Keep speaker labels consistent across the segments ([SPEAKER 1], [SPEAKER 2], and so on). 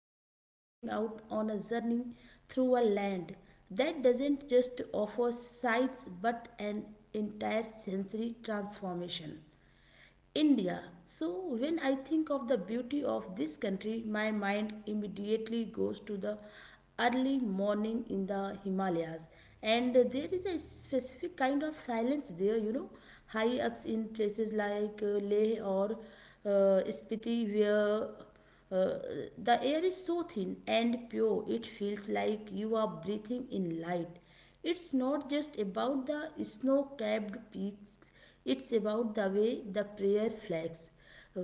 [SPEAKER 1] Today we are setting out on a journey through a land that doesn't just offer sights but an entire sensory transformation. India. When I think of the beauty of this country, my mind immediately goes to the early morning in the Himalayas, and there is a specific kind of silence there, high ups in places like Leh or Spiti, where uh, the air is so thin and pure it feels like you are breathing in light. It's not just about the snow capped peaks, it's about the way the prayer flags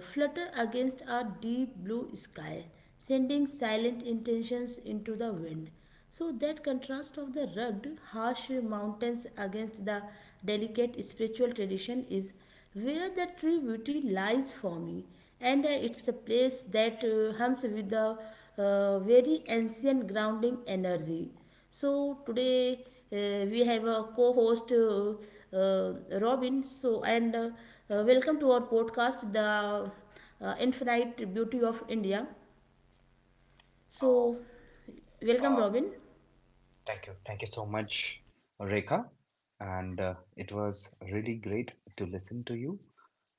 [SPEAKER 1] flutter against a deep blue sky, sending silent intentions into the wind. So that contrast of the rugged, harsh mountains against the delicate spiritual tradition is where the true beauty lies for me. And it's a place that hums with the very ancient grounding energy. So today, we have a co-host, Robin. So and Welcome to our podcast, the infinite beauty of India.
[SPEAKER 2] Oh,
[SPEAKER 1] So welcome,
[SPEAKER 2] uh,
[SPEAKER 1] Robin.
[SPEAKER 2] thank you. Thank you so much, Rekha. And it was really great to listen to you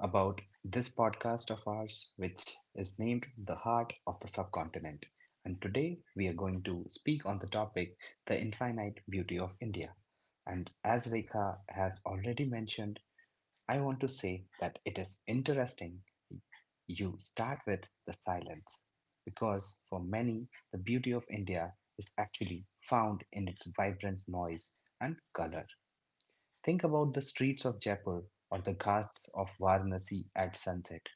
[SPEAKER 2] about this podcast of ours, which is named The Heart of the Subcontinent. And today we are going to speak on the topic The Infinite Beauty of India. And as Rekha has already mentioned, I want to say that it is interesting you start with the silence because for many, the beauty of India is actually found in its vibrant noise and color. Think about the streets of Jaipur or the ghats of Varanasi at sunset.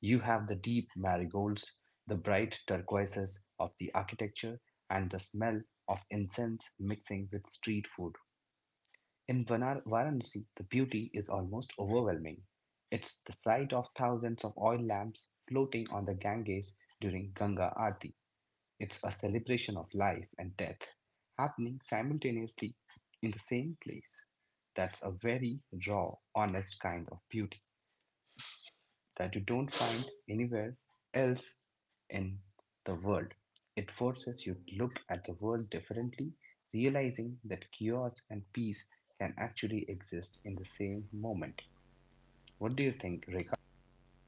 [SPEAKER 2] You have the deep marigolds, the bright turquoises of the architecture, and the smell of incense mixing with street food. In Varanasi, the beauty is almost overwhelming. It's the sight of thousands of oil lamps floating on the Ganges during Ganga Aarti. It's a celebration of life and death happening simultaneously in the same place. That's a very raw, honest kind of beauty that you don't find anywhere else in the world. It forces you to look at the world differently, realizing that chaos and peace can actually exist in the same moment. What do you think, Rekha?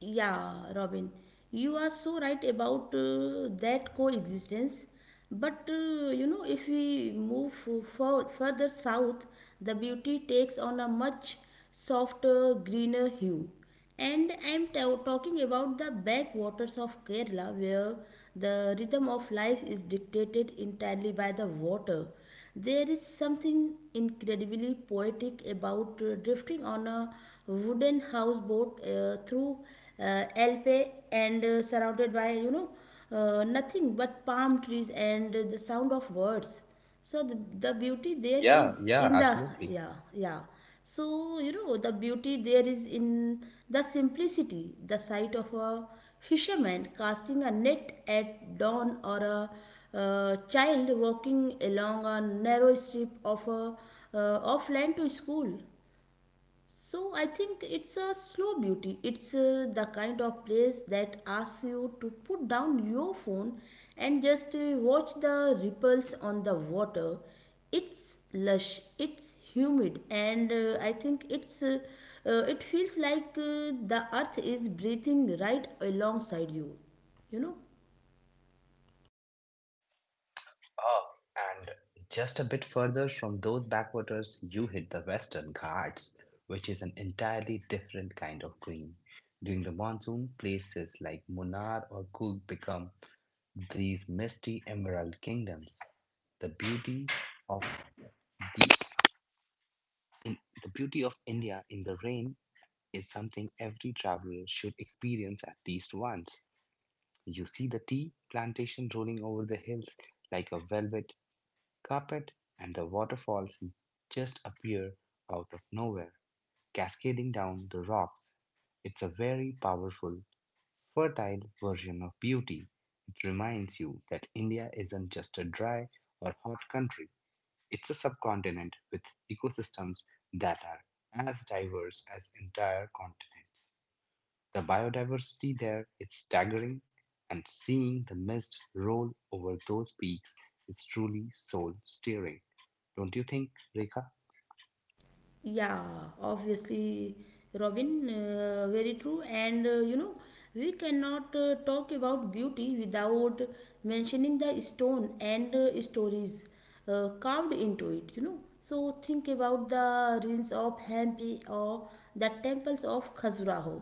[SPEAKER 1] Yeah, Robin, you are so right about that coexistence. But you know, if we move further south, the beauty takes on a much softer, greener hue. And I'm talking about the backwaters of Kerala, where the rhythm of life is dictated entirely by the water. There is something incredibly poetic about drifting on a wooden houseboat through Alpe, and surrounded by, you know, nothing but palm trees and the sound of birds. So the beauty there
[SPEAKER 2] Yeah,
[SPEAKER 1] is
[SPEAKER 2] yeah,
[SPEAKER 1] in the,
[SPEAKER 2] absolutely.
[SPEAKER 1] yeah, yeah. So, you know, the beauty there is in the simplicity, the sight of a fisherman casting a net at dawn or a child walking along a narrow strip uh, of land to school. So I think it's a slow beauty. It's the kind of place that asks you to put down your phone and just watch the ripples on the water. It's lush, it's humid, and I think it feels like the earth is breathing right alongside you. You know.
[SPEAKER 2] Oh, and just a bit further from those backwaters, you hit the Western Ghats, which is an entirely different kind of green. During the monsoon, places like Munnar or Coorg become these misty emerald kingdoms. The beauty of these in, the beauty of India in the rain is something every traveler should experience at least once. You see the tea plantation rolling over the hills like a velvet carpet, and the waterfalls just appear out of nowhere, cascading down the rocks. It's a very powerful fertile version of beauty. It reminds you that India isn't just a dry or hot country, it's a subcontinent with ecosystems that are as diverse as entire continents. The biodiversity there is staggering, and seeing the mist roll over those peaks is truly soul stirring. Don't you think, Rekha?
[SPEAKER 1] Yeah, obviously, Robin, very true. And you know, we cannot talk about beauty without mentioning the stone and stories carved into it, you know. So, think about the ruins of Hampi or the temples of Khajuraho.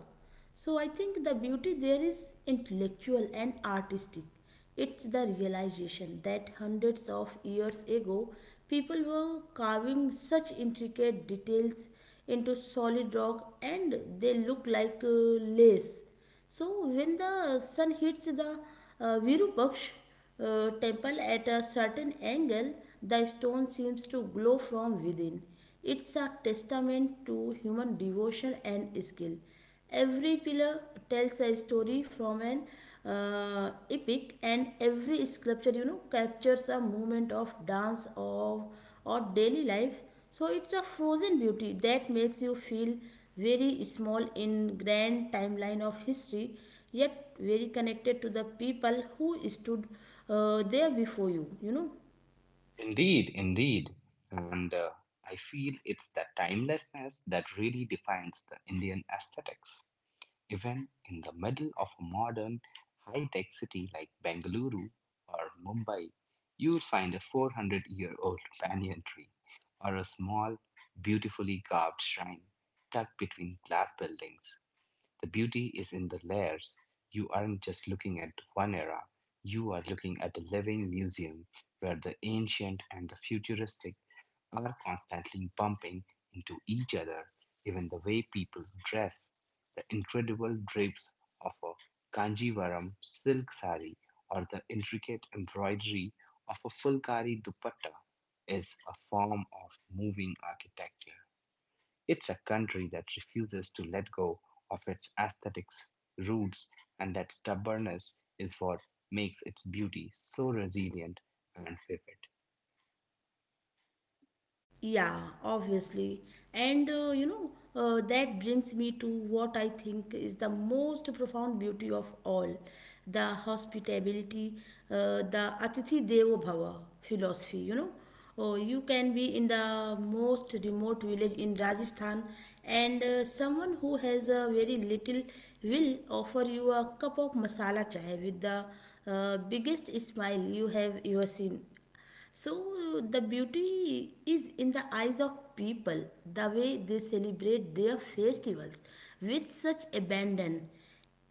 [SPEAKER 1] So I think the beauty there is intellectual and artistic. It's the realization that hundreds of years ago, people were carving such intricate details into solid rock and they look like lace. So when the sun hits the Virupaksh temple at a certain angle, the stone seems to glow from within. It's a testament to human devotion and skill. Every pillar tells a story from an epic, and every sculpture, you know, captures a moment of dance of or daily life. So it's a frozen beauty that makes you feel very small in grand timeline of history, yet very connected to the people who stood there before you, you know.
[SPEAKER 2] Indeed, indeed. And I feel it's that timelessness that really defines the Indian aesthetics. Even in the middle of a modern, high tech city like Bengaluru or Mumbai, you'll find a 400-year-old banyan tree or a small, beautifully carved shrine tucked between glass buildings. The beauty is in the layers. You aren't just looking at one era, you are looking at a living museum where the ancient and the futuristic are constantly bumping into each other, even the way people dress. The incredible drapes of a Kanjivaram silk sari or the intricate embroidery of a Fulkari dupatta is a form of moving architecture. It's a country that refuses to let go of its aesthetics roots, and that stubbornness is what makes its beauty so resilient and vivid.
[SPEAKER 1] Yeah, obviously. That brings me to what I think is the most profound beauty of all, the hospitality, the Atithi Devo Bhava philosophy. You know, oh, you can be in the most remote village in Rajasthan, and someone who has a very little will offer you a cup of masala chai with the biggest smile you have ever seen. So the beauty is in the eyes of people, the way they celebrate their festivals with such abandon.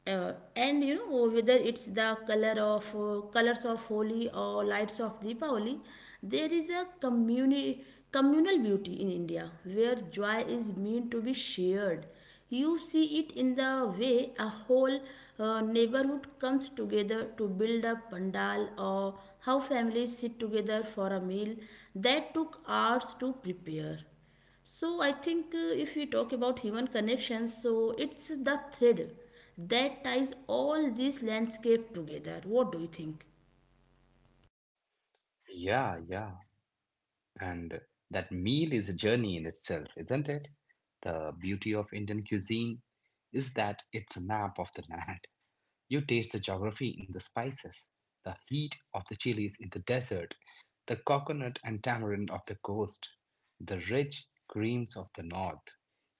[SPEAKER 1] And you know, whether it's the color of colors of Holi or lights of Deepavali, there is a communal beauty in India where joy is meant to be shared. You see it in the way a whole neighborhood comes together to build a pandal, or how families sit together for a meal that took hours to prepare. So I think, if we talk about human connections, so it's the thread that ties all these landscape together. What do you think?
[SPEAKER 2] Yeah, yeah. And that meal is a journey in itself, isn't it? The beauty of Indian cuisine is that it's a map of the land. You taste the geography in the spices, the heat of the chilies in the desert, the coconut and tamarind of the coast, the rich creams of the north.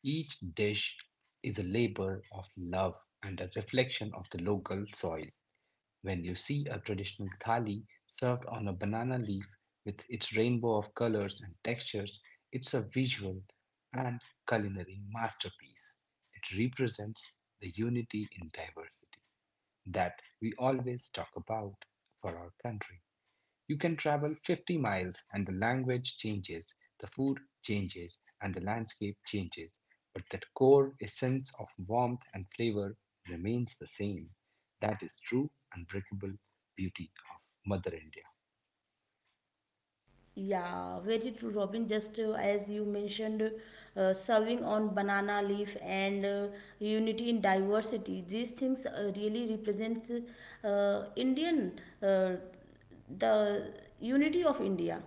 [SPEAKER 2] Each dish is a labor of love and a reflection of the local soil. When you see a traditional thali served on a banana leaf with its rainbow of colors and textures, it's a visual and culinary masterpiece. It represents the unity in diversity that we always talk about for our country. You can travel 50 miles and the language changes, the food changes, and the landscape changes, but the core essence of warmth and flavor remains the same. That is true, unbreakable beauty of Mother India.
[SPEAKER 1] Yeah, very true, Robin. Just as you mentioned, serving on banana leaf and unity in diversity. These things really represents Indian, the unity of India.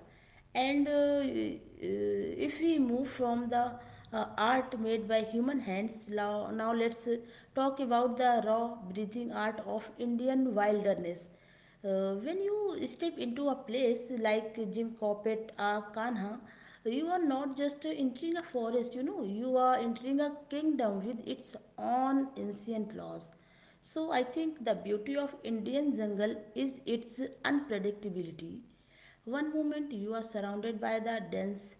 [SPEAKER 1] And if we move from the art made by human hands, now let's talk about the raw breathing art of Indian wilderness. When you step into a place like Jim Coppet or Kanha, you are not just entering a forest, you know, you are entering a kingdom with its own ancient laws. So I think the beauty of Indian jungle is its unpredictability. One moment you are surrounded by the dense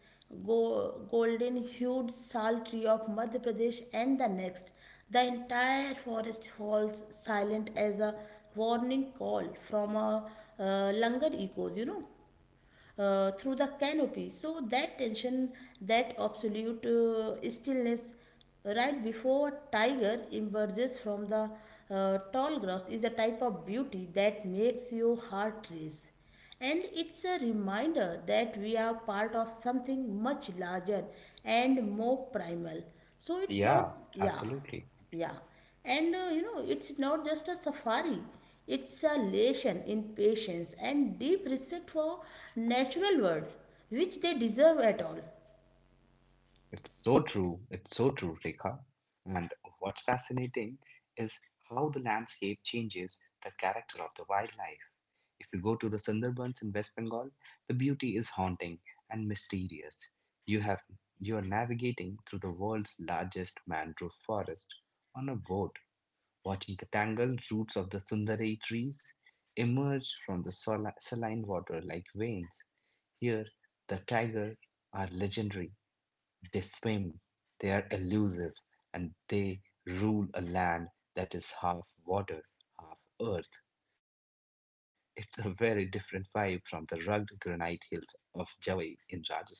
[SPEAKER 1] golden hued sal tree of Madhya Pradesh, and the next, the entire forest falls silent as a warning call from a langar echoes, you know, through the canopy. So that tension, that absolute stillness right before a tiger emerges from the tall grass is a type of beauty that makes your heart race. And it's a reminder that we are part of something much larger and more primal. So it's
[SPEAKER 2] Yeah,
[SPEAKER 1] not, yeah.
[SPEAKER 2] absolutely.
[SPEAKER 1] Yeah, and you know, it's not just a safari, it's a lesson in patience and deep respect for natural world, which they deserve at all.
[SPEAKER 2] It's so true. It's so true, Rekha. And what's fascinating is how the landscape changes the character of the wildlife. If you go to the Sundarbans in West Bengal, the beauty is haunting and mysterious. You have you are navigating through the world's largest mangrove forest on a boat, watching the tangled roots of the Sundari trees emerge from the saline water like veins. Here, the tiger are legendary. They swim, they are elusive, and they rule a land that is half water, half earth. It's a very different vibe from the rugged granite hills of Jawai in Rajasthan,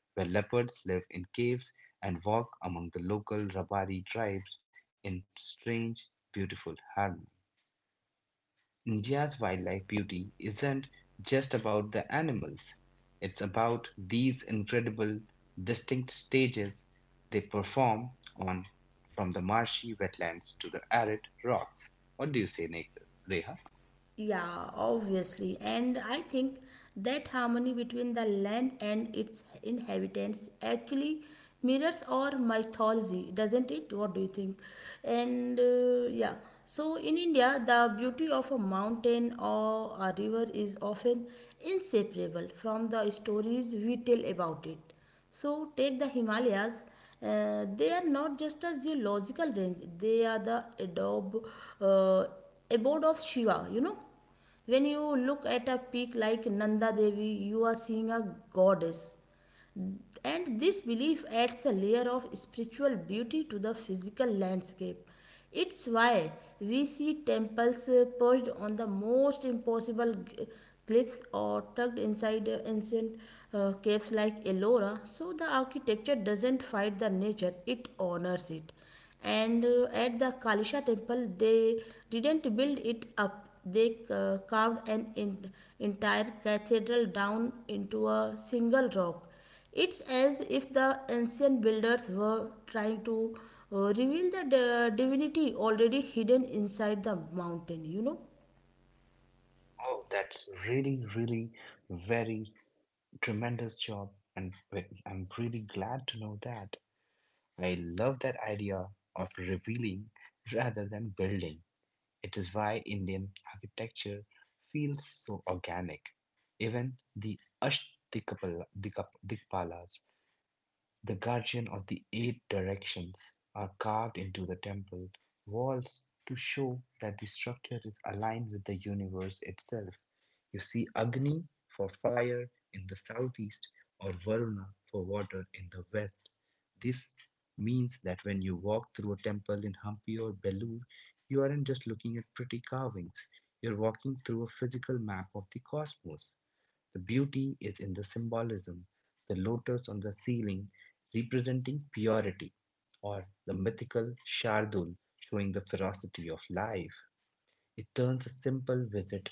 [SPEAKER 2] where leopards live in caves and walk among the local Rabari tribes in strange, beautiful harmony. India's wildlife beauty isn't just about the animals, it's about these incredible, distinct stages they perform on from the marshy wetlands to the arid rocks. What do you say, Reha?
[SPEAKER 1] Yeah, obviously. And I think that harmony between the land and its inhabitants actually mirrors our mythology, doesn't it? What do you think? And yeah, so in India, the beauty of a mountain or a river is often inseparable from the stories we tell about it. So, take the Himalayas. They are not just a geological range, they are the adobe, uh, abode of Shiva, you know. When you look at a peak like Nanda Devi, you are seeing a goddess, and this belief adds a layer of spiritual beauty to the physical landscape. It's why we see temples perched on the most impossible cliffs, or tucked inside ancient caves like Ellora. So the architecture doesn't fight the nature, it honors it. And at the Kalisha temple, they didn't build it up, they carved an entire cathedral down into a single rock. It's as if the ancient builders were trying to reveal the divinity already hidden inside the mountain, you know.
[SPEAKER 2] Oh, that's really, really very tremendous job. And I'm really glad to know that. I love that idea of revealing rather than building. It is why Indian architecture feels so organic. Even the Dikpalas the guardian of the eight directions are carved into the temple walls to show that the structure is aligned with the universe itself. You see Agni for fire in the southeast or Varuna for water in the west. This means that when you walk through a temple in Hampi or Belur, you aren't just looking at pretty carvings, you're walking through a physical map of the cosmos. The beauty is in the symbolism, the lotus on the ceiling representing purity, or the mythical Shardul showing the ferocity of life. It turns a simple visit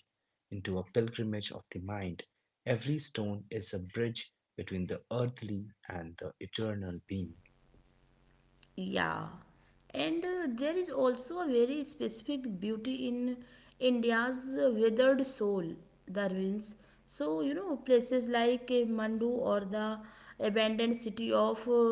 [SPEAKER 2] into a pilgrimage of the mind. Every stone is a bridge between the earthly and the eternal being.
[SPEAKER 1] Yeah, and there is also a very specific beauty in India's withered soul, the ruins. So, you know, places like Mandu or the abandoned city of uh,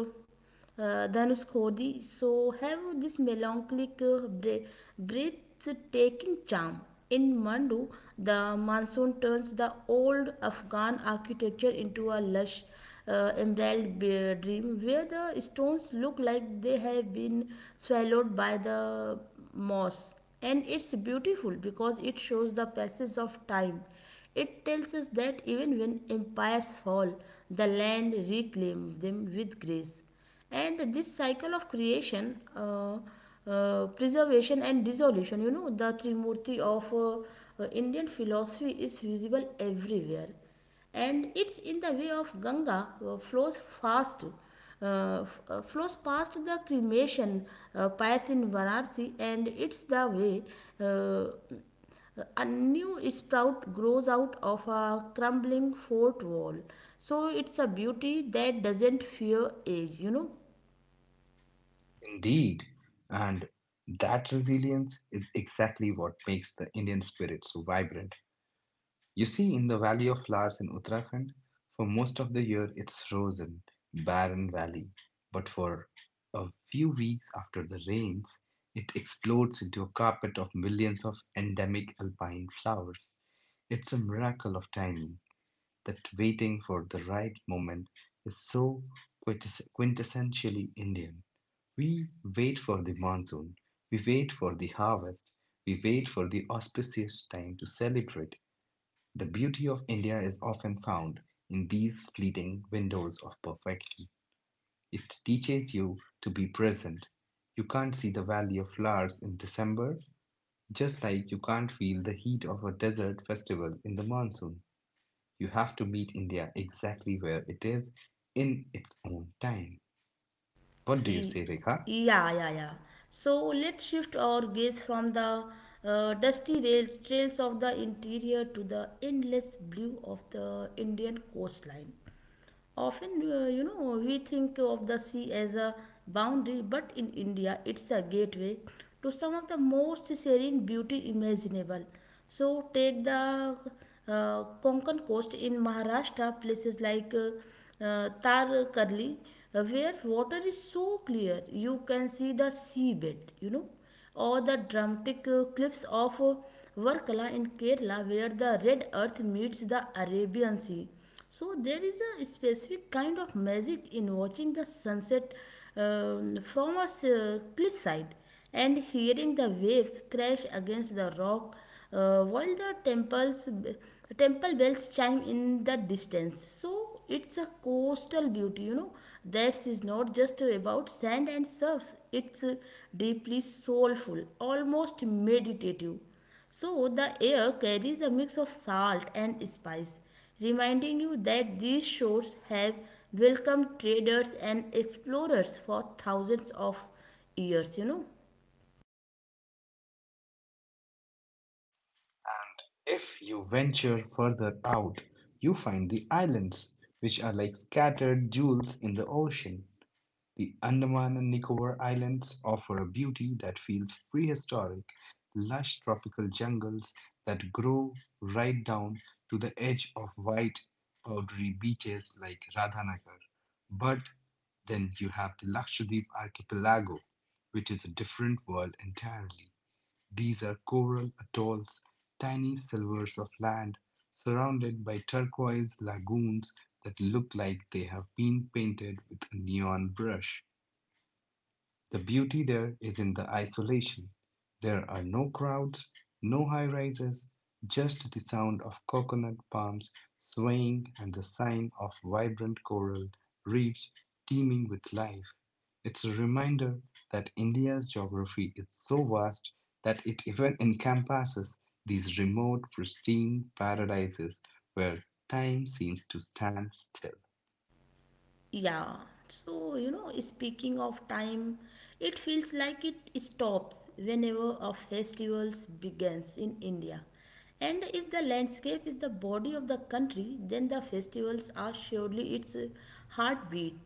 [SPEAKER 1] uh, Dhanushkodi, so have this melancholic, breathtaking charm. In Mandu, the monsoon turns the old Afghan architecture into a lush emerald dream, where the stones look like they have been swallowed by the moss. And it's beautiful because it shows the passage of time. It tells us that even when empires fall, the land reclaims them with grace. And this cycle of creation, preservation, and dissolution, you know, the Trimurti of Indian philosophy is visible everywhere, and it's in the way of Ganga flows fast, flows past the cremation pyres in Varanasi, and it's the way uh, a new sprout grows out of a crumbling fort wall. So it's a beauty that doesn't fear age, you know.
[SPEAKER 2] Indeed, and that resilience is exactly what makes the Indian spirit so vibrant. You see, in the Valley of Flowers in Uttarakhand, for most of the year it's frozen, barren valley. But for a few weeks after the rains, it explodes into a carpet of millions of endemic alpine flowers. It's a miracle of timing that waiting for the right moment is so quintessentially Indian. We wait for the monsoon, we wait for the harvest, we wait for the auspicious time to celebrate the beauty of India is often found in these fleeting windows of perfection. It teaches you to be present. You can't see the valley of flowers in December, just like you can't feel the heat of a desert festival in the monsoon. You have to meet India exactly where it is in its own time. What do you
[SPEAKER 1] Y-
[SPEAKER 2] say, Rekha?
[SPEAKER 1] Yeah, yeah, yeah. So let's shift our gaze from the dusty rail trails of the interior to the endless blue of the Indian coastline. Often, you know, we think of the sea as a boundary, but in India, it's a gateway to some of the most serene beauty imaginable. So take the Konkan coast in Maharashtra, places like Tarkarli, where water is so clear you can see the seabed, you know, or the dramatic cliffs of Varkala in Kerala, where the red earth meets the Arabian Sea. So there is a specific kind of magic in watching the sunset, from a cliffside, and hearing the waves crash against the rock while the temple bells chime in the distance. So it's a coastal beauty, you know, that is not just about sand and surfs. It's deeply soulful, almost meditative. So the air carries a mix of salt and spice, reminding you that these shores have welcomed traders and explorers for thousands of years, you know.
[SPEAKER 2] If you venture further out, you find the islands, which are like scattered jewels in the ocean. The Andaman and Nicobar Islands offer a beauty that feels prehistoric, lush tropical jungles that grow right down to the edge of white, powdery beaches like Radhanagar. But then you have the Lakshadweep archipelago, which is a different world entirely. These are coral atolls, tiny silvers of land, surrounded by turquoise lagoons that look like they have been painted with a neon brush. The beauty there is in the isolation. There are no crowds, no high rises, just the sound of coconut palms swaying and the sign of vibrant coral reefs teeming with life. It's a reminder that India's geography is so vast that it even encompasses these remote, pristine paradises where time seems to stand still.
[SPEAKER 1] Yeah. So, you know, speaking of time, it feels like it stops whenever a festival begins in India. And if the landscape is the body of the country, then the festivals are surely its heartbeat,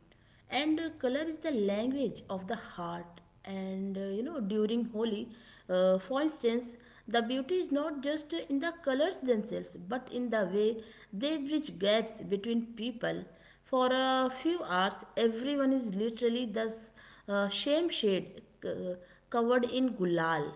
[SPEAKER 1] and color is the language of the heart. And during holi, for instance, the beauty is not just in the colors themselves but in the way they bridge gaps between people. For a few hours everyone is literally the same shade, covered in gulal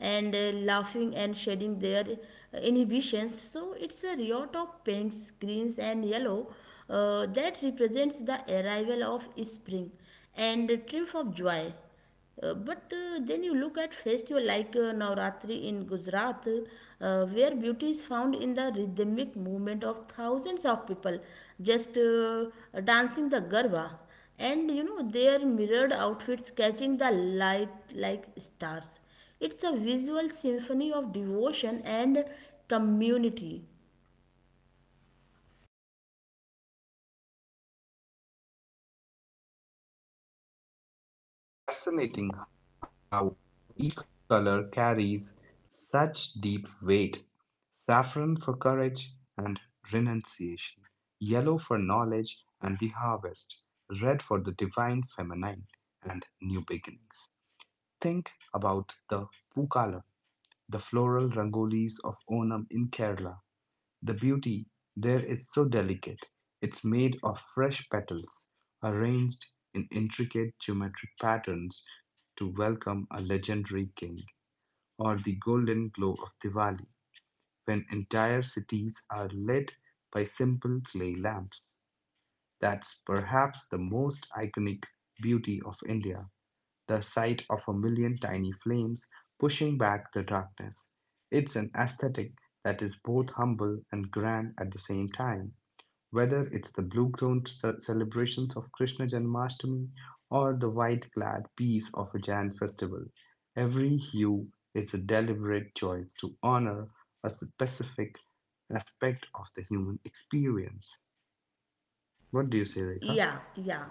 [SPEAKER 1] and laughing and shedding their inhibitions. So it's a riot of pinks, greens, and yellow that represents the arrival of spring and the triumph of joy. But then you look at festival like Navratri in Gujarat, where beauty is found in the rhythmic movement of thousands of people just dancing the garba, and you know their mirrored outfits catching the light like stars. It's a visual symphony of devotion and community.
[SPEAKER 2] It's fascinating how each color carries such deep weight saffron for courage and renunciation, yellow for knowledge and the harvest, red for the divine feminine and new beginnings. Think about the Pukala, the floral rangolis of Onam in Kerala, the beauty there is so delicate. It's made of fresh petals, arranged in intricate geometric patterns to welcome a legendary king, or the golden glow of Diwali, when entire cities are lit by simple clay lamps. That's perhaps the most iconic beauty of India, the sight of a million tiny flames pushing back the darkness. It's an aesthetic that is both humble and grand at the same time. Whether it's the celebrations of Krishna Janmashtami or the white-clad peace of a Jain festival, every hue is a deliberate choice to honor a specific aspect of the human experience. What do you say, Rekha?
[SPEAKER 1] Yeah, yeah.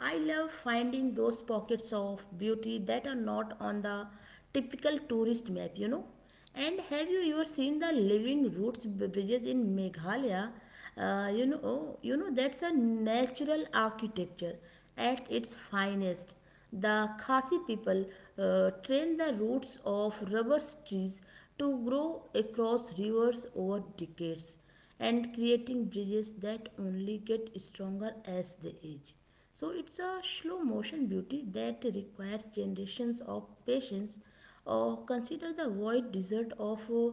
[SPEAKER 1] I love finding those pockets of beauty that are not on the typical tourist map, you know. And have you ever seen the living bridges in Meghalaya? You know that's a natural architecture at its finest. The Khasi people train the roots of rubber trees to grow across rivers over decades and creating bridges that only get stronger as they age. So it's a slow motion beauty that requires generations of patience. Or consider the wide desert of uh,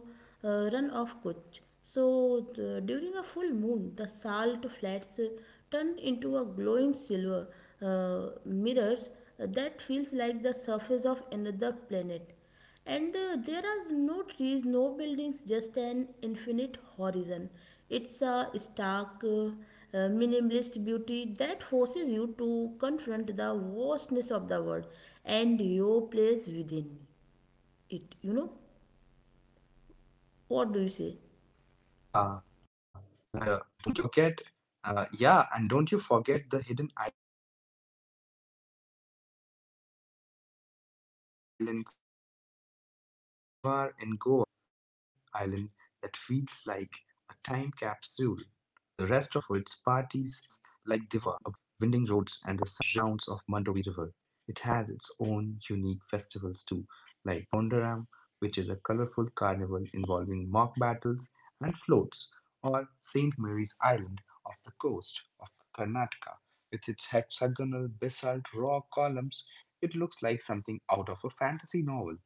[SPEAKER 1] uh, run of Kutch. During a full moon, the salt flats turn into a glowing silver mirrors that feels like the surface of another planet. And there are no trees, no buildings, just an infinite horizon. It's a stark, minimalist beauty that forces you to confront the vastness of the world and your place within it. You know?
[SPEAKER 2] Yeah, and
[SPEAKER 1] What do
[SPEAKER 2] Don't
[SPEAKER 1] you
[SPEAKER 2] you
[SPEAKER 1] say?
[SPEAKER 2] forget, yeah, and don't you forget the hidden islands like Divar in Goa, which is river island that feels like a time capsule. While the rest of Goa is known for its parties, Dewa is all about sleepy Portuguese style villages, winding roads, and the sounds of Mandovi River. It has its own unique festivals too, like Bondaram, which is a colorful carnival involving mock battles and floats, or St. Mary's Island off the coast of Karnataka. With its hexagonal basalt rock columns, it looks like something out of a fantasy novel.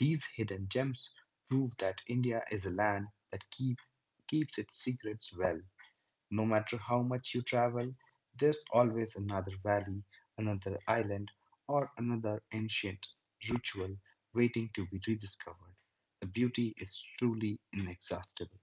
[SPEAKER 2] These hidden gems prove that India is a land that keeps its secrets well. No matter how much you travel, there's always another valley, another island, or another ancient ritual waiting to be rediscovered. The beauty is truly inexhaustible.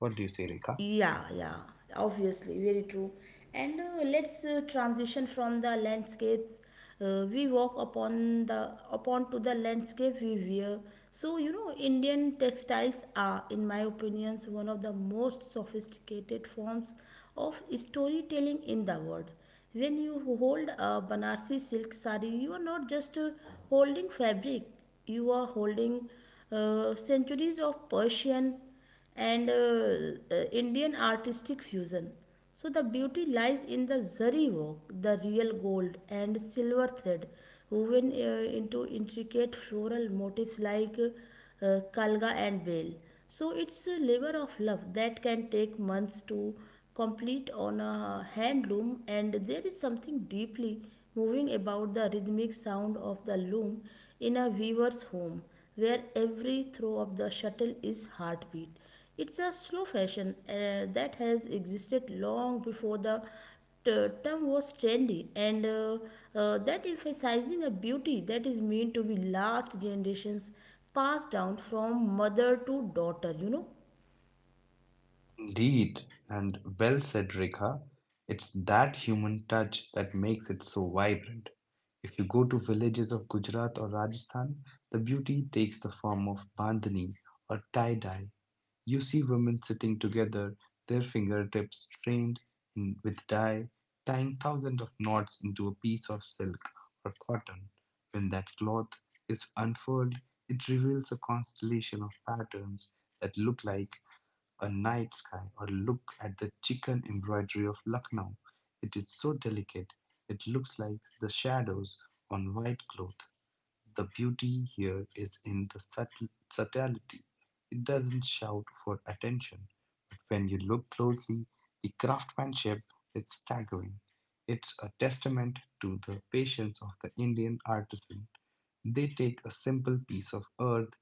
[SPEAKER 2] What do you say, Rekha?
[SPEAKER 1] Yeah, yeah, obviously, very true. And let's transition from the landscapes we walk upon the upon to the landscape we wear. So you know, Indian textiles are, in my opinions, one of the most sophisticated forms of storytelling in the world. When you hold a Banarsi silk sari, you are not just holding fabric; you are holding centuries of Persian and Indian artistic fusion. So the beauty lies in the zari work, the real gold and silver thread, woven into intricate floral motifs like kalga and veil. So it's a labor of love that can take months to complete on a handloom, and there is something deeply moving about the rhythmic sound of the loom in a weaver's home where every throw of the shuttle is heartbeat. It's a slow fashion that has existed long before t- term was trendy and that emphasizing a beauty that is meant to be last generations, passed down from mother to daughter, you know.
[SPEAKER 2] Indeed, and well said, Rekha. It's that human touch that makes it so vibrant. If you go to villages of Gujarat or Rajasthan, the beauty takes the form of bandhani or tie dye. You see women sitting together, their fingertips trained in with dye, tying thousands of knots into a piece of silk or cotton. When that cloth is unfurled, it reveals a constellation of patterns that look like a night sky, or look at the chicken embroidery of Lucknow. It is so delicate, it looks like the shadows on white cloth. The beauty here is in the subtle, subtlety. It doesn't shout for attention, but when you look closely, the craftsmanship is staggering. It's a testament to the patience of the Indian artisan. They take a simple piece of earth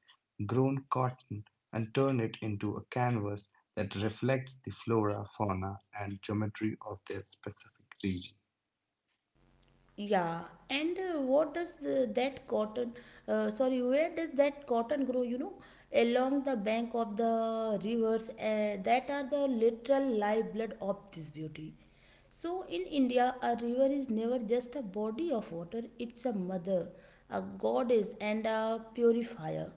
[SPEAKER 2] grown cotton and turn it into a canvas that reflects the flora, fauna, and geometry of their specific region.
[SPEAKER 1] Yeah, and what does that cotton, where does that cotton grow? You know, along the bank of the rivers that are the literal lifeblood of this beauty. So, in India, a river is never just a body of water, it's a mother, a goddess, and a purifier.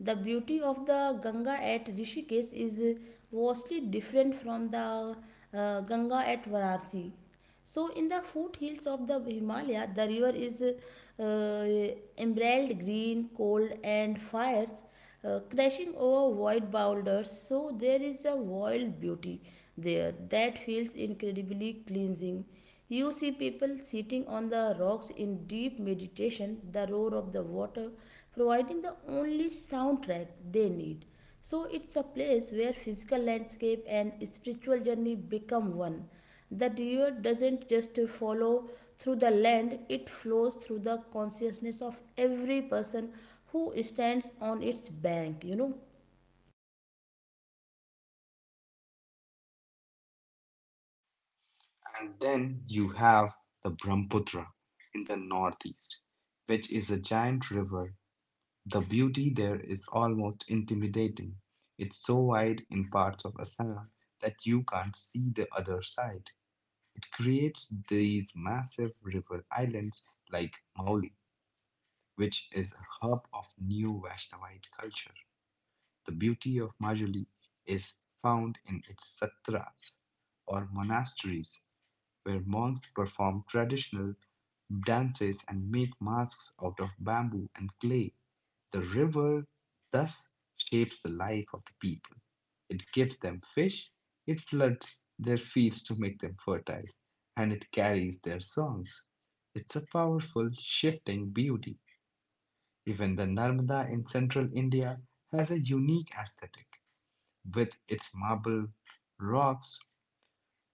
[SPEAKER 1] The beauty of the Ganga at Rishikesh is vastly different from the Ganga at Varanasi. So, in the foothills of the Himalaya, the river is emerald green, cold, and fires crashing over white boulders. So, there is a wild beauty there that feels incredibly cleansing. You see people sitting on the rocks in deep meditation, the roar of the water providing the only soundtrack they need. So it's a place where physical landscape and spiritual journey become one. The river doesn't just follow through the land, it flows through the consciousness of every person who stands on its bank, you know.
[SPEAKER 2] And then you have the Brahmaputra in the northeast, which is a giant river. The beauty there is almost intimidating. It's so wide in parts of Assam that you can't see the other side. It creates these massive river islands like Maui, which is a hub of new Vaishnavite culture. The beauty of Majuli is found in its satras or monasteries where monks perform traditional dances and make masks out of bamboo and clay. The river thus shapes the life of the people. It gives them fish, it floods their fields to make them fertile, and it carries their songs. It's a powerful, shifting beauty even the Narmada in central India has a unique aesthetic with its marble rocks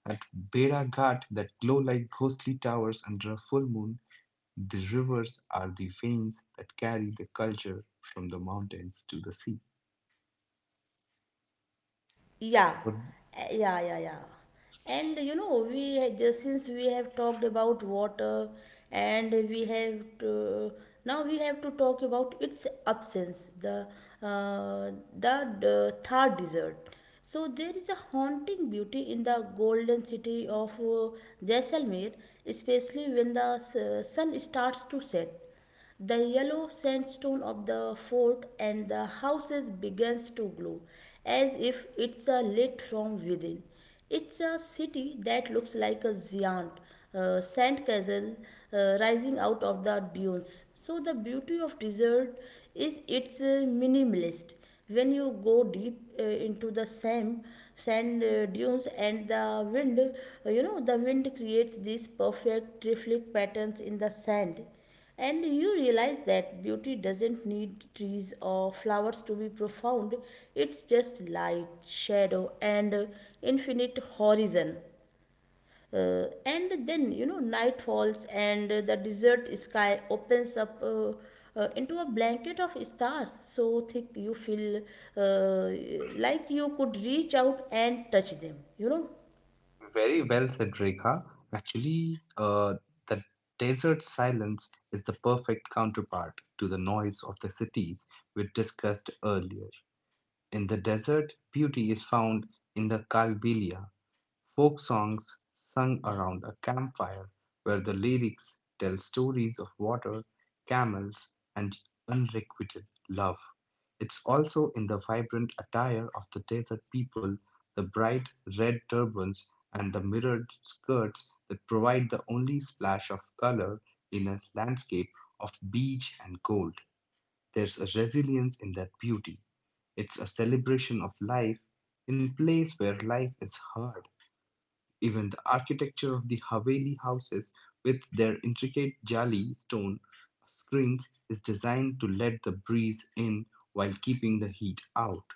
[SPEAKER 2] at Bera Ghat that glow like ghostly towers under a full moon. The rivers are the veins that carry the culture from the mountains to the sea.
[SPEAKER 1] Yeah,
[SPEAKER 2] Well,
[SPEAKER 1] Yeah, yeah, yeah. And you know, we had just since we have talked about water, and we have to, now we have to talk about its absence, uh, the Thar desert. So there is a haunting beauty in the golden city of Jaisalmer, especially when sun starts to set. The yellow sandstone of the fort and the houses begins to glow as if it's a lit from within. It's a city that looks like a giant sand castle rising out of the dunes. So the beauty of desert is it's minimalist. When you go deep into the sand dunes and the wind, you know the wind creates these perfect reflect patterns in the sand. And you realize that beauty doesn't need trees or flowers to be profound, it's just light, shadow, and infinite horizon. And then, you know, night falls and the desert sky opens up into a blanket of stars so thick you feel uh, like you could reach out and touch them, you know.
[SPEAKER 2] Very well said, Rekha. Actually, the desert silence is the perfect counterpart to the noise of the cities we discussed earlier. In the desert, beauty is found in the Kalbilia, folk songs sung around a campfire where the lyrics tell stories of water, camels, and unrequited love. It's also in the vibrant attire of the desert people, the bright red turbans and the mirrored skirts that provide the only splash of color in a landscape of beige and gold. There's a resilience in that beauty. It's a celebration of life in place where life is hard. Even the architecture of the Haveli houses, with their intricate jali stone screens, is designed to let the breeze in while keeping the heat out.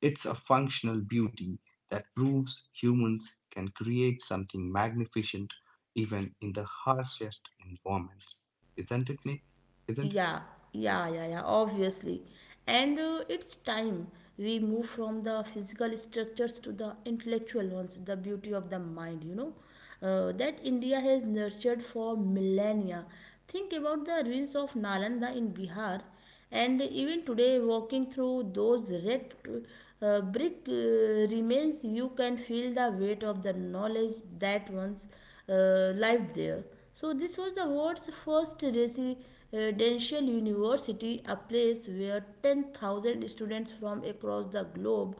[SPEAKER 2] It's a functional beauty that proves humans can create something magnificent even in the harshest environments. Isn't it, Nick? Isn't it?
[SPEAKER 1] Yeah, yeah, yeah, yeah, obviously. And it's time we move from the physical structures to the intellectual ones, the beauty of the mind, you know, that India has nurtured for millennia. Think about the ruins of Nalanda in Bihar, and even today, walking through those red brick remains, you can feel the weight of the knowledge that once lived there. So, this was the world's first residential university, a place where 10,000 students from across the globe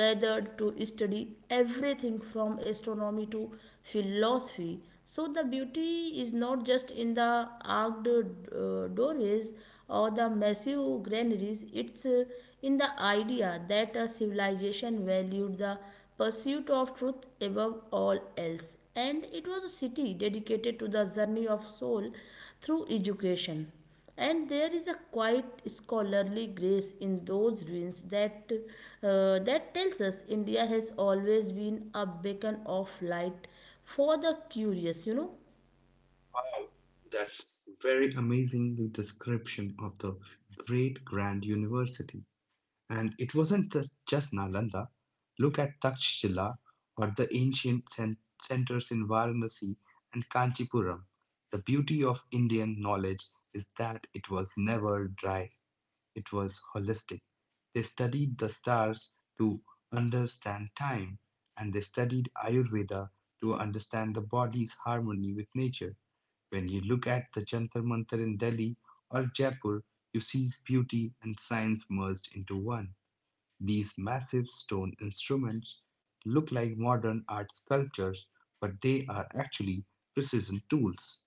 [SPEAKER 1] gathered to study everything from astronomy to philosophy. So, the beauty is not just in the arched doorways or the massive granaries, it's in the idea that a civilization valued the pursuit of truth above all else. And it was a city dedicated to the journey of soul through education. And there is a quiet scholarly grace in those ruins that tells us India has always been a beacon of light for the curious, you know.
[SPEAKER 2] Wow, that's very amazing description of the great grand university. And it wasn't just Nalanda. Look at Takshila or the ancient centers in Varanasi and Kanchipuram. The beauty of Indian knowledge is that it was never dry. It was holistic. They studied the stars to understand time, and they studied Ayurveda to understand the body's harmony with nature. When you look at the Jantar Mantar in Delhi or Jaipur, you see beauty and science merged into one. These massive stone instruments look like modern art sculptures, but they are actually precision tools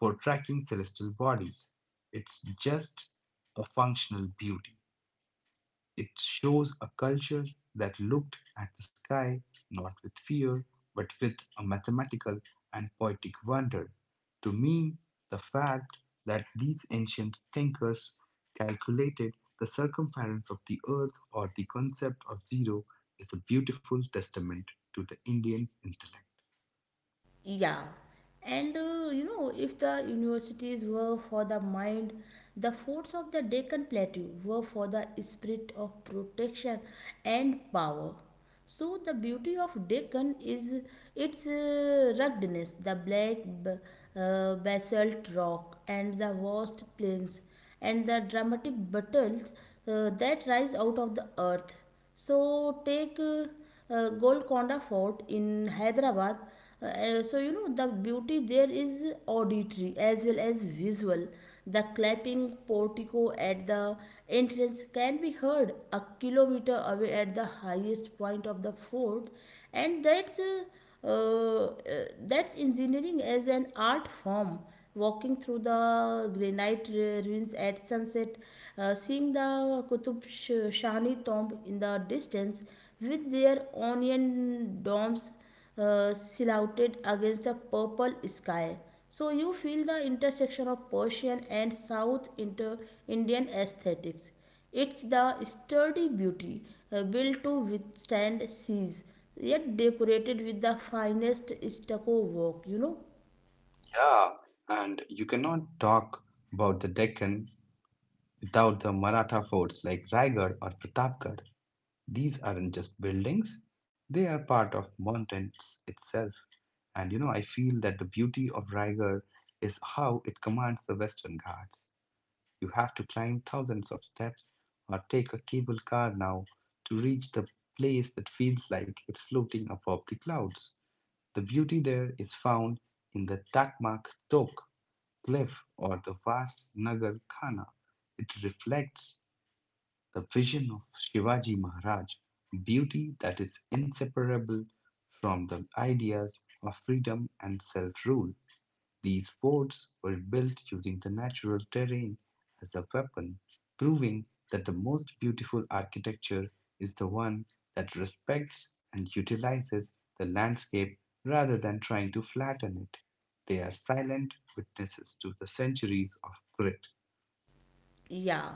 [SPEAKER 2] for tracking celestial bodies. It's just a functional beauty. It shows a culture that looked at the sky not with fear, but with a mathematical and poetic wonder. To me, the fact that these ancient thinkers calculated the circumference of the earth or the concept of zero is a beautiful testament to the Indian intellect.
[SPEAKER 1] Yeah, and you know, if the universities were for the mind, the forts of the Deccan Plateau were for the spirit of protection and power. So, the beauty of Deccan is its ruggedness, the black b- basalt rock, and the vast plains, and the dramatic battles that rise out of the earth. So, take Golconda Fort in Hyderabad. So you know the beauty there is auditory as well as visual. The clapping portico at the entrance can be heard a kilometer away at the highest point of the fort, and uh, that's engineering as an art form. Walking through the granite ruins at sunset, seeing the shahni tomb in the distance with their onion domes silhouetted against a purple sky, so you feel the intersection of persian and south indian aesthetics. It's the sturdy beauty, built to withstand seas, yet decorated with the finest stucco work, you know.
[SPEAKER 2] Yeah, and you cannot talk about the Deccan without the Maratha forts like Raigad or Pratapgarh. These aren't just buildings, they are part of mountains itself. And you know, I feel that the beauty of Raigarh is how it commands the Western Ghats. You have to climb thousands of steps or take a cable car now to reach the place that feels like it's floating above the clouds. The beauty there is found in the Takmak Tok cliff or the vast Nagar Khana. It reflects the vision of Shivaji Maharaj, beauty that is inseparable from the ideas of freedom and self rule. These forts were built using the natural terrain as a weapon, proving that the most beautiful architecture is the one that respects and utilizes the landscape rather than trying to flatten it. They are silent witnesses to the centuries of grit.
[SPEAKER 1] Yeah.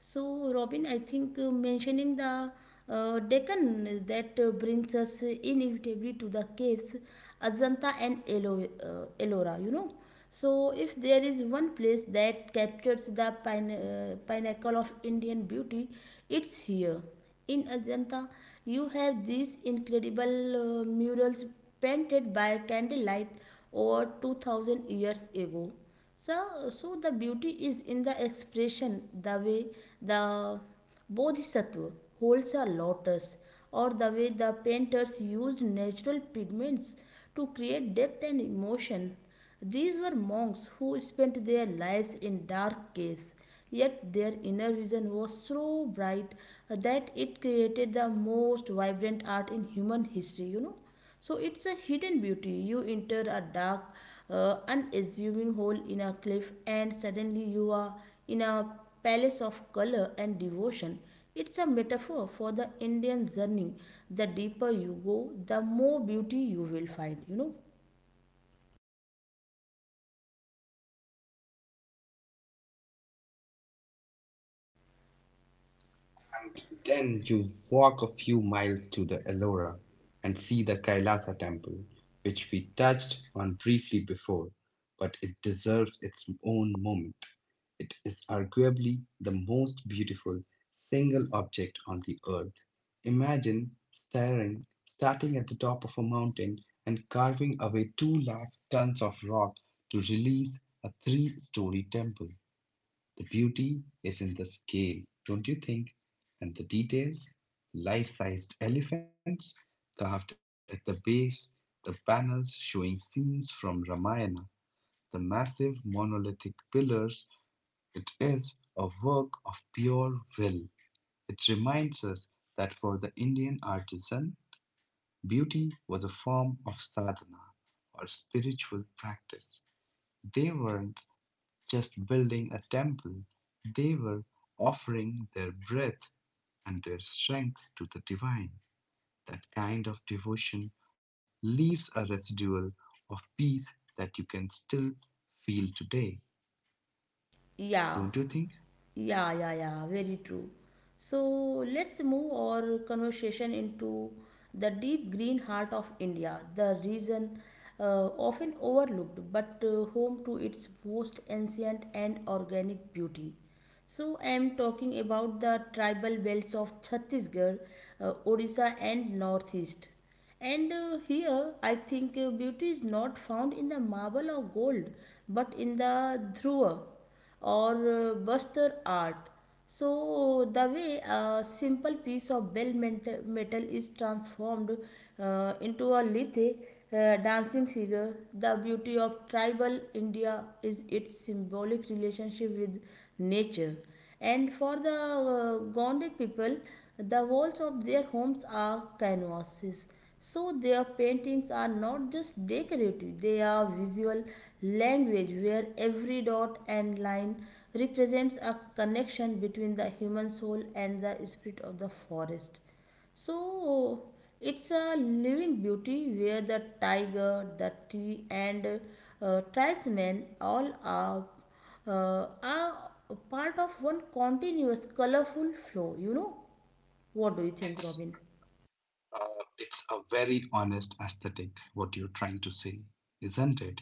[SPEAKER 1] So, Robin, I think mentioning the Deccan that brings us inevitably to the caves, Ajanta and Ellora, you know. So, if there is one place that captures the pinnacle of Indian beauty, it's here. In Ajanta, you have these incredible murals painted by candlelight over 2000 years ago. So the beauty is in the expression, the way the bodhisattva holds a lotus, or the way the painters used natural pigments to create depth and emotion. These were monks who spent their lives in dark caves, yet their inner vision was so bright that it created the most vibrant art in human history, you know. So it's a hidden beauty. You enter a dark, unassuming hole in a cliff, and suddenly you are in a palace of color and devotion. It's a metaphor for the Indian journey. The deeper you go, the more beauty you will find, you know?
[SPEAKER 2] And then you walk a few miles to the Ellora and see the Kailasa temple, which we touched on briefly before, but it deserves its own moment. It is arguably the most beautiful single object on the earth. Imagine starting at the top of a mountain and carving away 2 lakh tons of rock to release a three-story temple. The beauty is in the scale, don't you think? And the details life sized elephants carved at the base, the panels showing scenes from Ramayana, the massive monolithic pillars. It is a work of pure will. It reminds us that for the Indian artisan, beauty was a form of sadhana or spiritual practice. They weren't just building a temple, they were offering their breath and their strength to the divine. That kind of devotion leaves a residual of peace that you can still feel today,
[SPEAKER 1] Yeah.
[SPEAKER 2] don't you think?
[SPEAKER 1] Yeah, yeah, yeah, very true. So let's move our conversation into the deep green heart of India, the region often overlooked but home to its most ancient and organic beauty. So I am talking about the tribal belts of Chhattisgarh, Odisha, and Northeast. And here, I think beauty is not found in the marble or gold, but in the dhruva or Buster art. So, the way a simple piece of metal is transformed into a lithe dancing figure, the beauty of tribal India is its symbolic relationship with nature. And for the Gonde people, the walls of their homes are canvases. So their paintings are not just decorative, they are visual language where every dot and line represents a connection between the human soul and the spirit of the forest. So it's a living beauty where the tiger, the tree, and tribesmen all are part of one continuous colorful flow. You know, what do you think,
[SPEAKER 2] It's
[SPEAKER 1] Robin?
[SPEAKER 2] uh, it's a very honest aesthetic what you're trying to say, isn't it?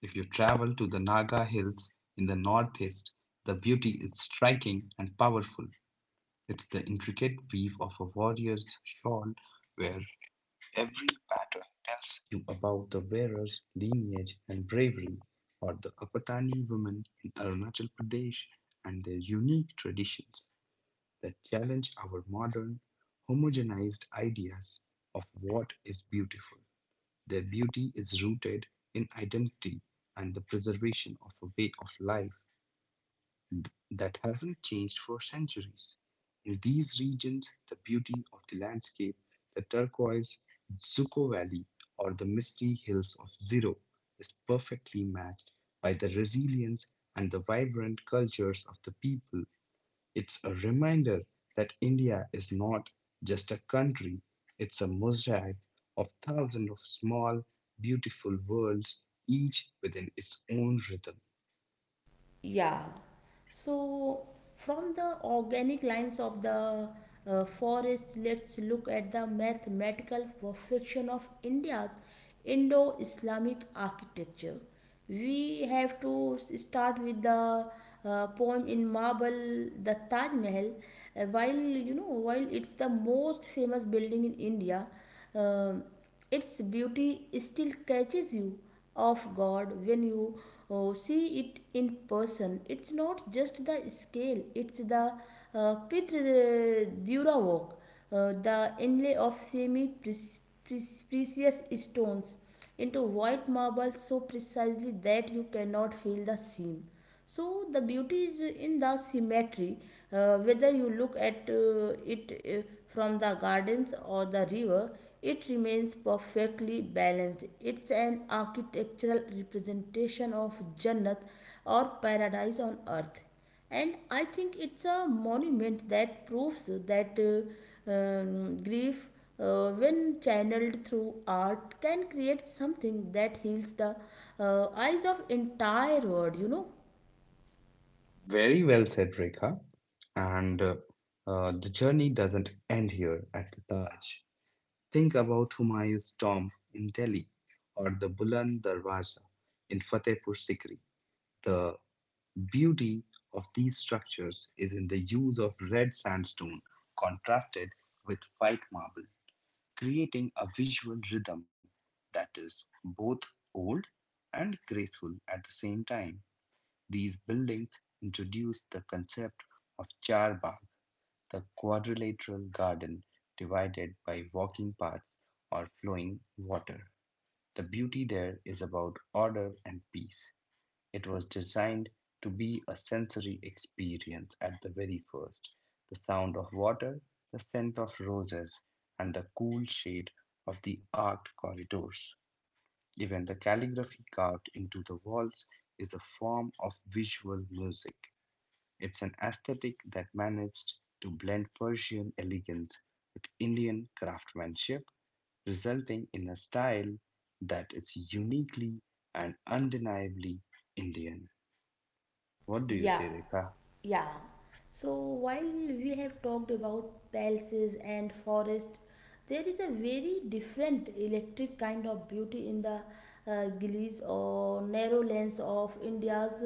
[SPEAKER 2] If you travel to the Naga Hills in the northeast, the beauty is striking and powerful. It's the intricate weave of a warrior's shawl where every pattern tells you about the wearer's lineage and bravery, or the Apatani women in Arunachal Pradesh and their unique traditions that challenge our modern, homogenized ideas of what is beautiful. Their beauty is rooted in identity and the preservation of a way of life that hasn't changed for centuries. In these regions, the beauty of the landscape, the turquoise Zuko Valley or the misty hills of Zero, is perfectly matched by the resilience and the vibrant cultures of the people. It's a reminder that India is not just a country, it's a mosaic of thousands of small, beautiful worlds, each within its own rhythm.
[SPEAKER 1] Yeah. So from the organic lines of the forest, let's look at the mathematical perfection of India's Indo-Islamic architecture. We have to start with the poem in marble, the Taj Mahal. While You know, while it's the most famous building in India, um its beauty still catches you off guard when you see it in person. It's not just the scale, it's the Pitre Dura work, the inlay of semi precious stones into white marble so precisely that you cannot feel the seam. So the beauty is in the symmetry, whether you look at it from the gardens or the river, it remains perfectly balanced. It's an architectural representation of Jannat or paradise on earth. And I think it's a monument that proves that grief, when channeled through art, can create something that heals the eyes of entire world.
[SPEAKER 2] Very well said, Rekha. And the journey doesn't end here at the Taj. Think about Humayun's tomb in Delhi or the Buland Darwaza in Fatehpur Sikri. The beauty of these structures is in the use of red sandstone contrasted with white marble, creating a visual rhythm that is both old and graceful at the same time. These buildings introduced the concept of charbagh, the quadrilateral garden divided by walking paths or flowing water. The beauty there is about order and peace. It was designed to be a sensory experience at the very first. The sound of water, the scent of roses, and the cool shade of the arched corridors. Even the calligraphy carved into the walls is a form of visual music. It's an aesthetic that managed to blend Persian elegance with Indian craftsmanship, resulting in a style that is uniquely and undeniably Indian. What do you
[SPEAKER 1] Yeah,
[SPEAKER 2] say, Rekha? Okay,
[SPEAKER 1] yeah. So while we have talked about palaces and forest, there is a very different electric kind of beauty in the gullies or narrow lanes of India's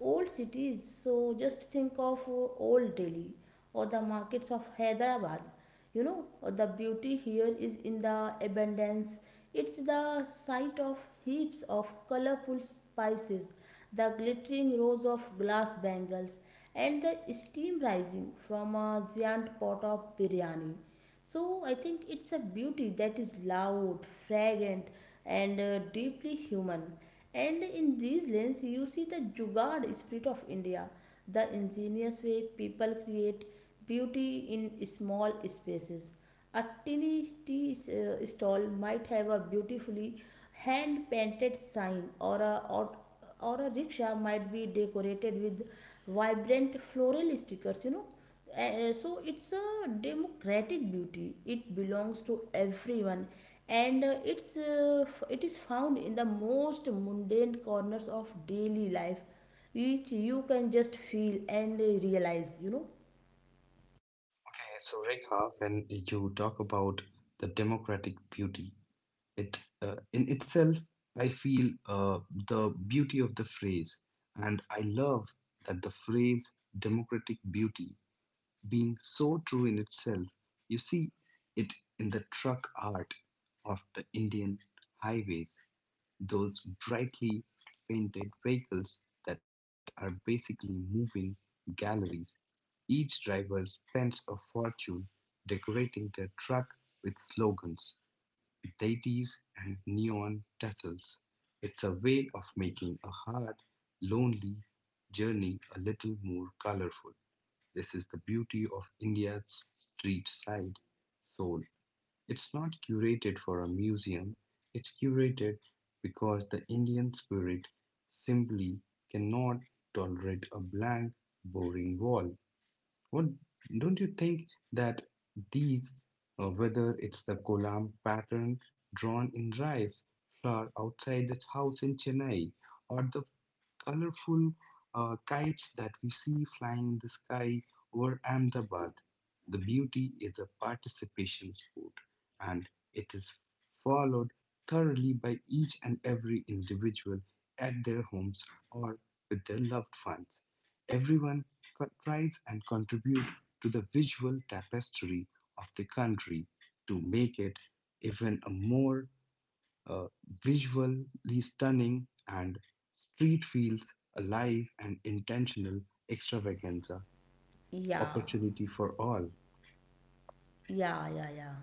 [SPEAKER 1] old cities. So just think of old Delhi or the markets of Hyderabad. The beauty here is in the abundance. It's the sight of heaps of colorful spices, the glittering rows of glass bangles, and the steam rising from a giant pot of biryani. So I think it's a beauty that is loud, fragrant, and deeply human. And in these lanes, you see the Jugaad spirit of India, the ingenious way people create beauty in small spaces. A tiny tea stall might have a beautifully hand painted sign, or a rickshaw might be decorated with vibrant floral stickers. So it's a democratic beauty, it belongs to everyone, and it is found in the most mundane corners of daily life, which you can just feel and realize, you know
[SPEAKER 2] so Rekha, when you talk about the democratic beauty, it in itself, I feel the beauty of the phrase, and I love that the phrase democratic beauty being so true in itself. You see it in the truck art of the Indian highways, those brightly painted vehicles that are basically moving galleries. Each driver spends a fortune decorating their truck with slogans, deities, and neon tassels. It's a way of making a hard, lonely journey a little more colorful. This is the beauty of India's street side soul. It's not curated for a museum, it's curated because the Indian spirit simply cannot tolerate a blank, boring wall. What don't you think that these, whether it's the kolam pattern drawn in rice flour outside the house in Chennai or the colorful kites that we see flying in the sky over Ahmedabad. The beauty is a participation sport and it is followed thoroughly by each and every individual at their homes or with their loved ones. Everyone tries and contribute to the visual tapestry of the country to make it even a more uh, visually stunning, and street feels alive and intentional extravaganza
[SPEAKER 1] yeah
[SPEAKER 2] opportunity for all.
[SPEAKER 1] yeah yeah yeah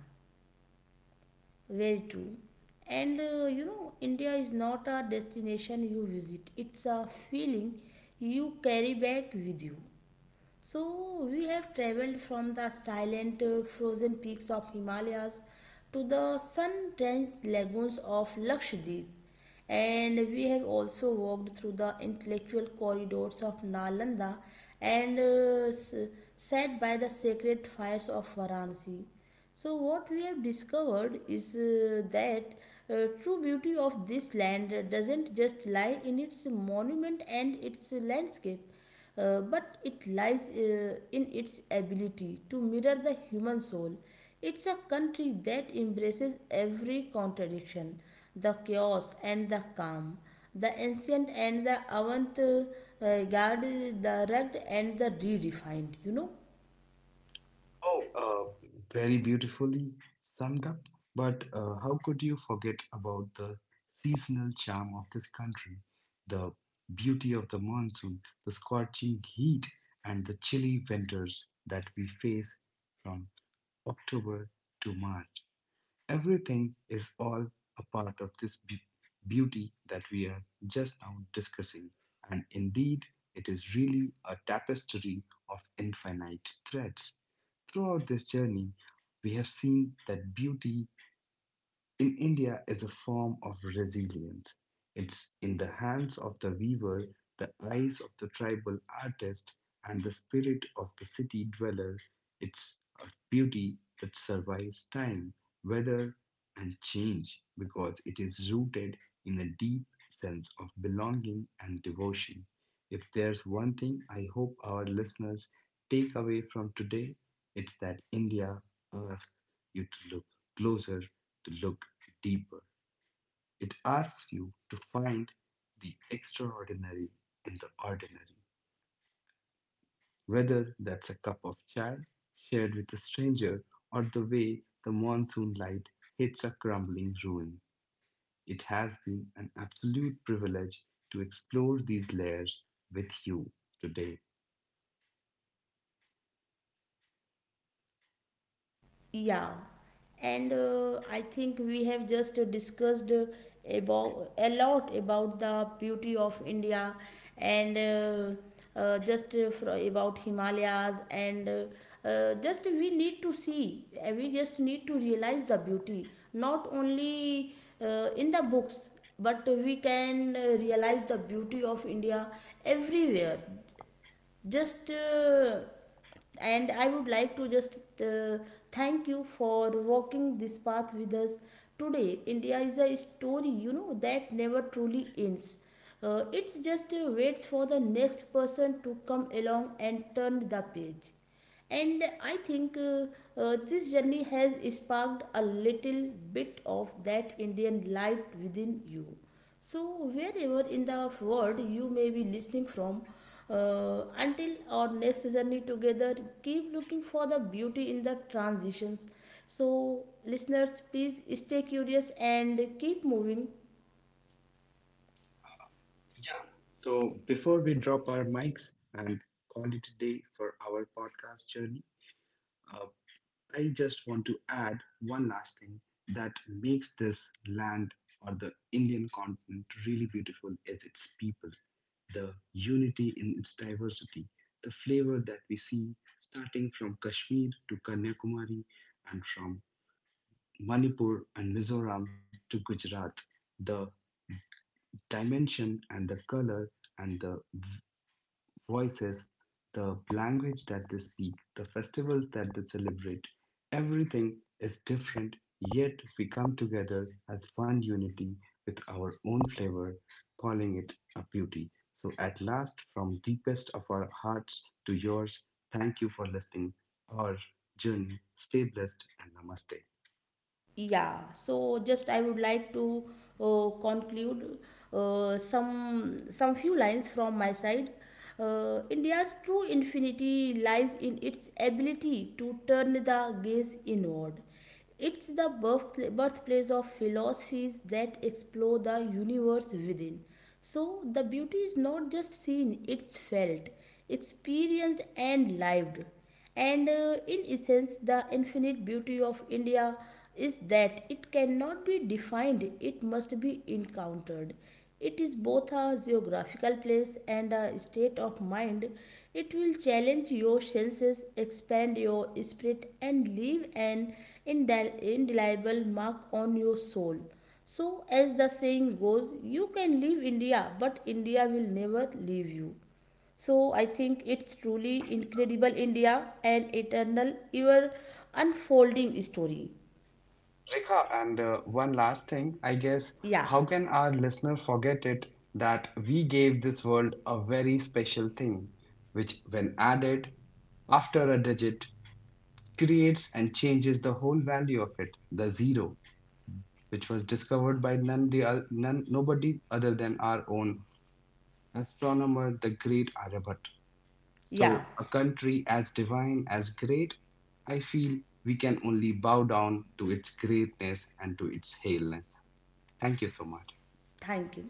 [SPEAKER 1] Very true. And you know, India is not a destination you visit, it's a feeling you carry back with you. So we have traveled from the silent frozen peaks of Himalayas to the sun-drenched lagoons of Lakshadweep. And we have also walked through the intellectual corridors of Nalanda and sat by the sacred fires of Varanasi. So, what we have discovered is that true beauty of this land doesn't just lie in its monument and its landscape, but it lies in its ability to mirror the human soul. It's a country that embraces every contradiction, the chaos and the calm, the ancient and the avant garde, the rugged and the redefined, you know.
[SPEAKER 2] Oh, uh, Very beautifully summed up. But how could you forget about the seasonal charm of this country, the beauty of the monsoon, the scorching heat, and the chilly winters that we face from October to March? Everything is all a part of this beauty that we are just now discussing, and indeed, it is really a tapestry of infinite threads. Throughout this journey, we have seen that beauty in India is a form of resilience. It's in the hands of the weaver, the eyes of the tribal artist, and the spirit of the city dweller. It's a beauty that survives time, weather, and change because it is rooted in a deep sense of belonging and devotion. If there's one thing I hope our listeners take away from today, it's that India, a you to look closer, to look deeper. It asks you to find the extraordinary in the ordinary, whether that's a cup of chai shared with a stranger or the way the monsoon light hits a crumbling ruin. It has been an absolute privilege to explore these layers with you today.
[SPEAKER 1] Yeah, and I think we have just discussed about a lot about the beauty of India and just about Himalayas and just we need to see, we just need to realize the beauty not only in the books, but we can realize the beauty of India everywhere, just and I would like to just thank you for walking this path with us today. India is a story, you know, that never truly ends. It just waits for the next person to come along and turn the page. And I think this journey has sparked a little bit of that Indian light within you. So wherever in the world you may be listening from, until our next journey together, keep looking for the beauty in the transitions. So listeners, please stay curious and keep moving.
[SPEAKER 2] Yeah. So before we drop our mics and call it a day for our podcast journey, uh, I just want to add one last thing that makes this land or the Indian continent really beautiful is its people, the unity in its diversity, the flavor that we see starting from Kashmir to Kanyakumari and from Manipur and Mizoram to Gujarat, the dimension and the color and the voices, the language that they speak, the festivals that they celebrate. Everything is different, yet we come together as one unity with our own flavor, calling it a beauty. So, at last, from deepest of our hearts to yours, thank you for listening. Our journey, stay blessed and namaste.
[SPEAKER 1] Yeah, so just I would like to conclude some few lines from my side. India's true infinity lies in its ability to turn the gaze inward. It's the birthplace of philosophies that explore the universe within. So the beauty is not just seen, it's felt, experienced and lived. And in essence, the infinite beauty of India is that it cannot be defined, it must be encountered. It is both a geographical place and a state of mind. It will challenge your senses, expand your spirit, and leave an indelible mark on your soul. So, as the saying goes, you can leave India, but India will never leave you. So I think it's truly incredible India, an eternal ever unfolding story.
[SPEAKER 2] Rika, and one last thing, I guess,
[SPEAKER 1] Yeah,
[SPEAKER 2] how can our listener forget it that we gave this world a very special thing, which, when added after a digit, creates and changes the whole value of it, the zero, which was discovered by none, nobody other than our own astronomer, the great Arabat.
[SPEAKER 1] yeah.
[SPEAKER 2] So, a country as divine as great, I feel we can only bow down to its greatness and to its haleness. Thank you so much.
[SPEAKER 1] Thank you.